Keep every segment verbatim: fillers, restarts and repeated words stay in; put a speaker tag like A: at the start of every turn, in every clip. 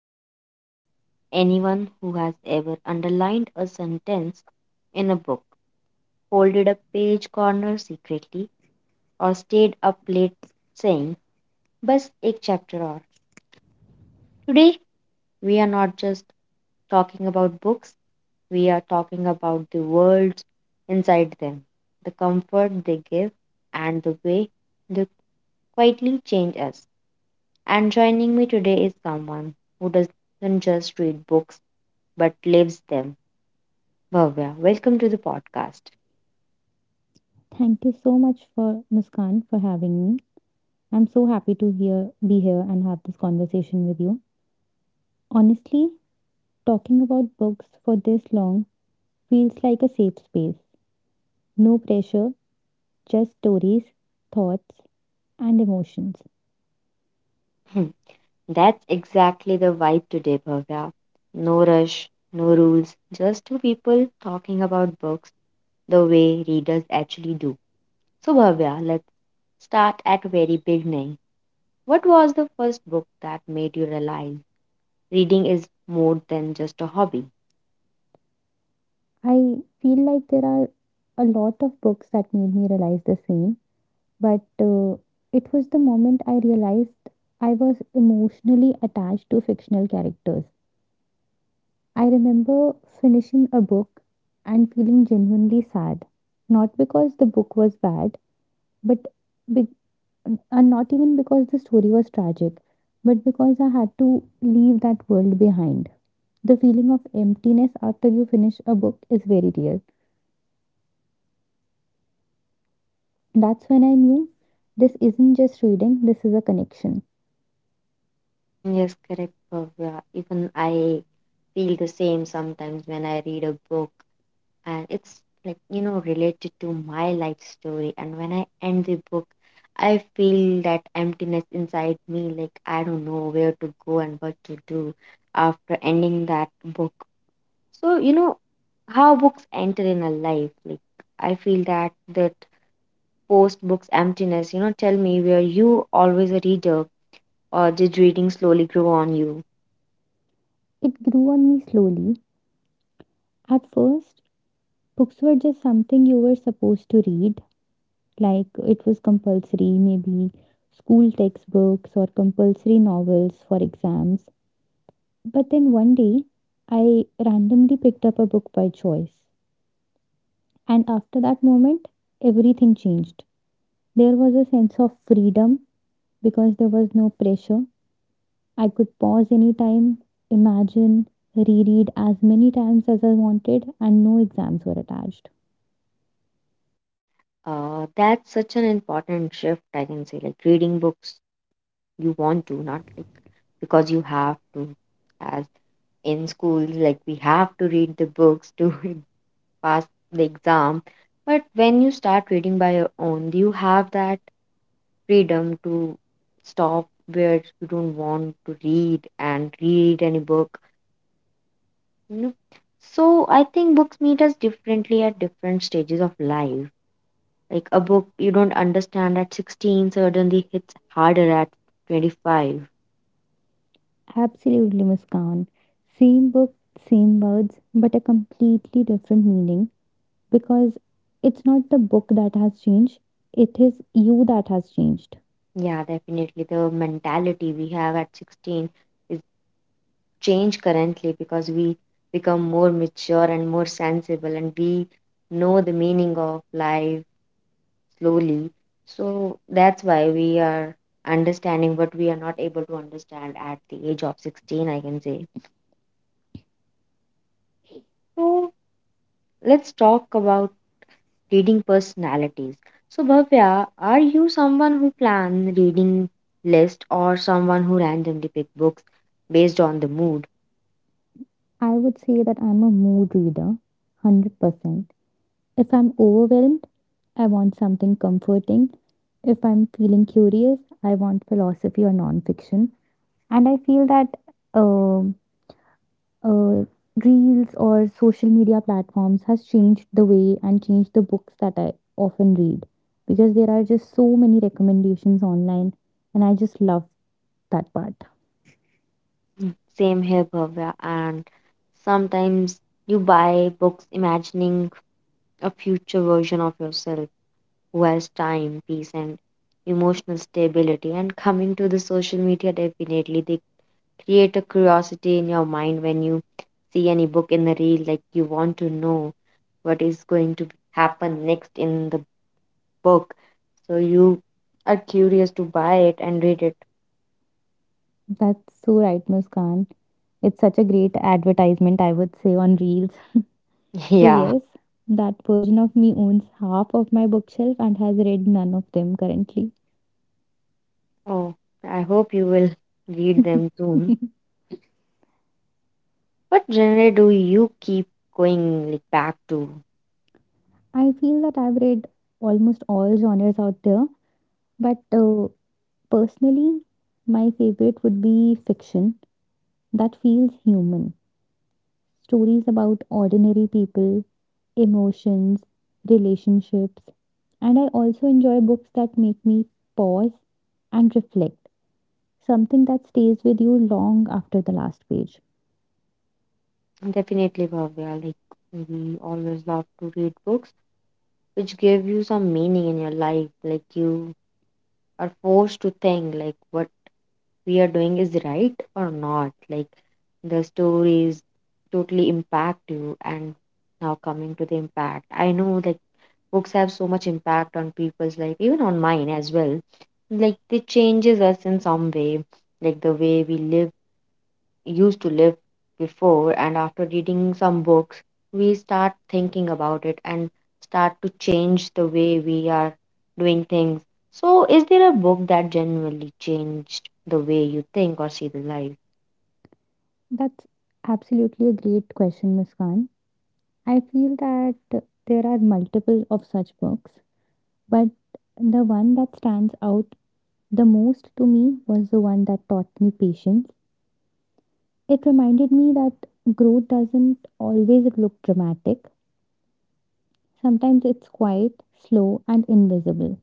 A: for anyone who has ever underlined a sentence in a book, folded a page corner secretly, or stayed up late saying, Bas ek chapter aur. Today, we are not just talking about books, we are talking about the worlds inside them, the comfort they give, and the way they quietly change us. And joining me today is someone who doesn't just read books but lives them. Bhavya, welcome to the podcast.
B: Thank you so much for Muskan for having me. I'm so happy to hear be here and have this conversation with you. Honestly, talking about books for this long feels like a safe space. No pressure, just stories, thoughts, and emotions.
A: Hmm. That's exactly the vibe today, Bhavya. No rush, no rules, just two people talking about books the way readers actually do. So Bhavya, let's start at very beginning. What was the first book that made you realize reading is more than just a hobby?
B: I feel like there are a lot of books that made me realize the same, but uh, it was the moment I realized I was emotionally attached to fictional characters. I remember finishing a book and feeling genuinely sad, not because the book was bad, but be- and not even because the story was tragic, but because I had to leave that world behind. The feeling of emptiness after you finish a book is very real. That's when I knew this isn't just reading, this is a connection.
A: Mm, yes, correct, Bhavya. Even I feel the same sometimes when I read a book and it's like, you know, related to my life story. And when I end the book, I feel that emptiness inside me, like I don't know where to go and what to do after ending that book. So, you know how books enter in a life. Like, I feel that that post books emptiness, you know, tell me were you always a reader or did reading slowly grow on you?
B: It grew on me slowly. At first, books were just something you were supposed to read like it was compulsory, maybe school textbooks or compulsory novels for exams. But then one day, I randomly picked up a book by choice. And after that moment, everything changed. There was a sense of freedom because there was no pressure. I could pause anytime, imagine, reread as many times as I wanted, and no exams were attached.
A: Uh, that's such an important shift, I can say. Like, reading books you want to, not like because you have to. As in schools, like, we have to read the books to pass the exam. But when you start reading by your own, do you have that freedom to stop where you don't want to read and read any book, you know? So I think books meet us differently at different stages of life, like a book you don't understand at sixteen suddenly hits harder at twenty-five.
B: Absolutely, Muskan. Same book, same words, but a completely different meaning, because it's not the book that has changed, it is you that has changed.
A: Yeah, definitely the mentality we have at sixteen is changed currently because we become more mature and more sensible and we know the meaning of life slowly. So that's why we are understanding what we are not able to understand at the age of sixteen, I can say. So let's talk about reading personalities. So, Bhavya, are you someone who plan reading list or someone who randomly pick books based on the mood?
B: I would say that I'm a mood reader, one hundred percent. If I'm overwhelmed, I want something comforting. If I'm feeling curious, I want philosophy or nonfiction. And I feel that uh, uh, reels or social media platforms has changed the way and changed the books that I often read because there are just so many recommendations online, and I just love that part.
A: Mhm. Same here, Bhavya. And sometimes you buy books imagining a future version of yourself who has time, peace, and emotional stability. And coming to the social media, definitely they create a curiosity in your mind when you see any book in the reel, like you want to know what is going to happen next in the book. So you are curious to buy it and read it.
B: That's so right, Muskan. It's such a great advertisement, I would say, on Reels. So,
A: Yeah.
B: yes, that version of me owns half of my bookshelf and has read none of them currently.
A: Oh, I hope you will read them soon. What genre do you keep going like back to?
B: I feel that I've read almost all genres out there, but uh, personally, my favorite would be fiction that feels human. Stories about ordinary people, emotions, relationships, and I also enjoy books that make me pause and reflect, something that stays with you long after the last page.
A: Definitely, Bhavya. Like we always love to read books which give you some meaning in your life, like you are forced to think like what we are doing is right or not, like the stories totally impact you. And now coming to the impact, I know, like books have so much impact on people's life, even on mine as well. Like they changes us in some way, like the way we live used to live before, and after reading some books we start thinking about it and start to change the way we are doing things. So is there a book that genuinely changed the way you think or see the life?
B: That's absolutely a great question, Muskan. I feel that there are multiple of such books, but the one that stands out the most to me was the one that taught me patience. It reminded me that growth doesn't always look dramatic. Sometimes it's quiet, slow, and invisible.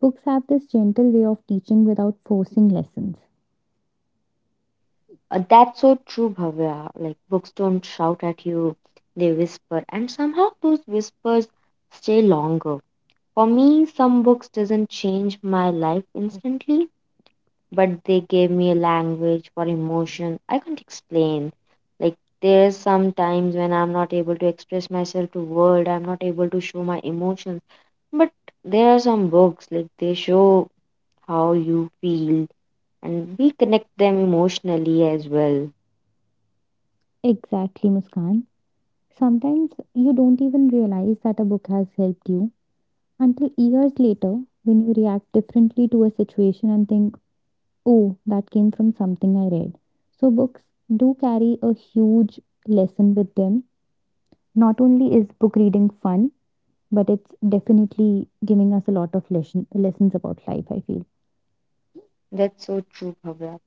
B: Books have this gentle way of teaching without forcing lessons.
A: Uh, that's so true, Bhavya. Like, books don't shout at you, they whisper, and somehow those whispers stay longer. For me, some books doesn't change my life instantly, but they gave me a language for emotion I can't explain. Like, there's some times when I'm not able to express myself to word, I'm not able to show my emotions. But there are some books like they show how you feel, and we connect them emotionally as well.
B: Exactly, Muskan. Sometimes you don't even realize that a book has helped you until years later when you react differently to a situation and think, oh, that came from something I read. So, books do carry a huge lesson with them. Not only is book reading fun, but it's definitely giving us a lot of lesson, lessons about life, I feel.
A: That's so true, Bhavya.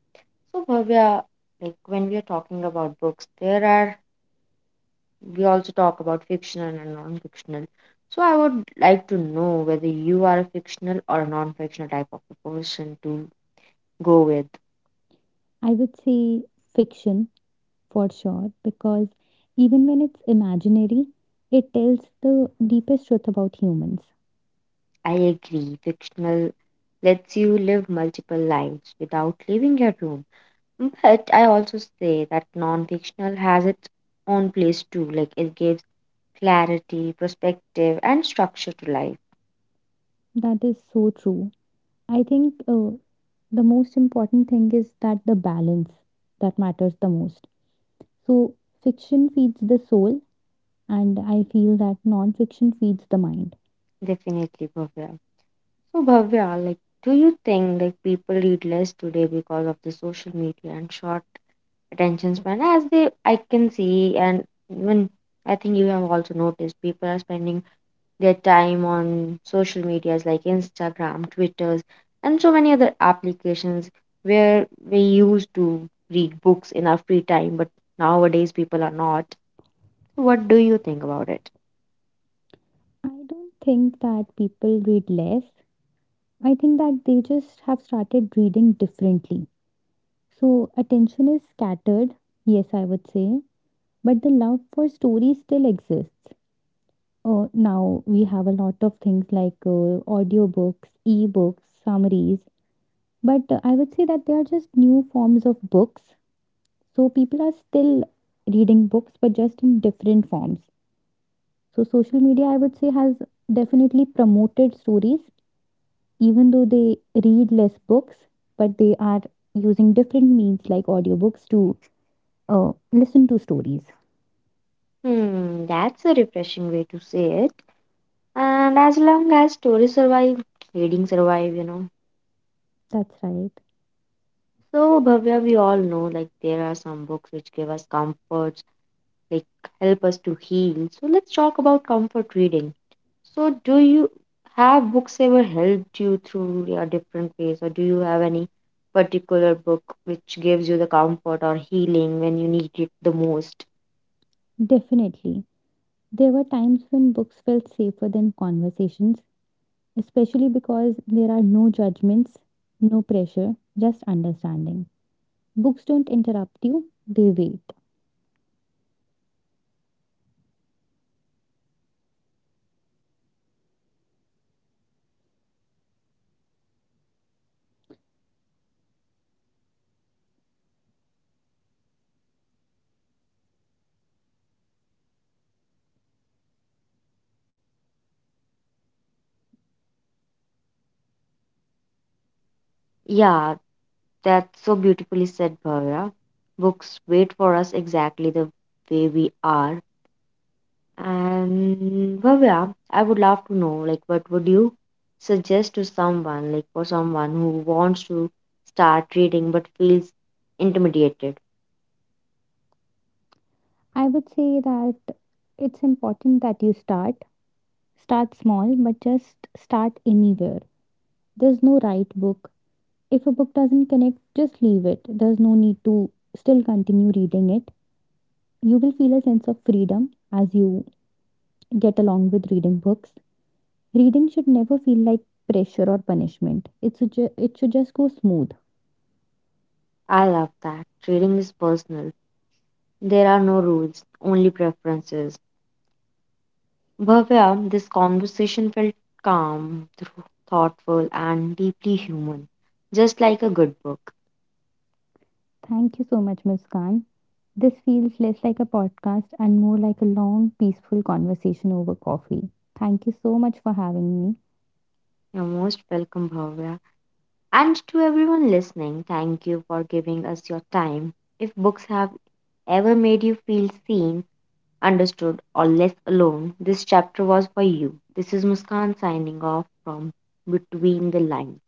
A: So Bhavya, like when we are talking about books, there are we also talk about fictional and non-fictional. So I would like to know whether you are a fictional or non-fictional type of a person to go with.
B: I would say fiction for sure, because even when it's imaginary, it tells the deepest truth about humans.
A: I agree. Fictional lets you live multiple lives without leaving your room. But I also say that non-fictional has its own place too. Like it gives clarity, perspective, and structure to life.
B: That is so true. I think uh, the most important thing is that the balance that matters the most. So, fiction feeds the soul, and I feel that non fiction feeds the mind.
A: Definitely, Bhavya. So Bhavya, like do you think like people read less today because of the social media and short attention span? As they, I can see, and even I think you have also noticed, people are spending their time on social medias like Instagram, Twitters, and so many other applications, where we used to read books in our free time, but nowadays people are not. What do you think about it?
B: I don't think that people read less. I think that they just have started reading differently. So, attention is scattered, yes, I would say, but the love for story still exists. Uh, now, we have a lot of things like uh, audiobooks, e-books, summaries, but uh, I would say that they are just new forms of books. So, people are still reading books, but just in different forms. So, social media, I would say, has definitely promoted stories, even though they read less books, but they are using different means like audiobooks to uh, listen to stories.
A: Hmm, that's a refreshing way to say it, and as long as stories survive, reading survive, you know.
B: That's right.
A: So Bhavya, we all know like there are some books which give us comfort, like help us to heal. So let's talk about comfort reading. So do you have books ever helped you through your different ways, or do you have any particular book which gives you the comfort or healing when you need it the most?
B: Definitely. There were times when books felt safer than conversations, especially because there are no judgments, no pressure, just understanding. Books don't interrupt you, they wait.
A: Yeah, that's so beautifully said, Bhavya. Books wait for us exactly the way we are. And Bhavya, I would love to know, like, what would you suggest to someone, like, for someone who wants to start reading but feels intimidated?
B: I would say that it's important that you start. Start small, but just start anywhere. There's no right book. If a book doesn't connect, just leave it. There's no need to still continue reading it. You will feel a sense of freedom as you get along with reading books. Reading should never feel like pressure or punishment. It should, ju- it should just go smooth.
A: I love that. Reading is personal. There are no rules, only preferences. Bhavya, this conversation felt calm, thro- thoughtful, and deeply human, just like a good book.
B: Thank you so much, Muskan. This feels less like a podcast and more like a long, peaceful conversation over coffee. Thank you so much for having me.
A: You're most welcome, Bhavya. And to everyone listening, thank you for giving us your time. If books have ever made you feel seen, understood, or less alone, this chapter was for you. This is Muskan signing off from Between the Lines.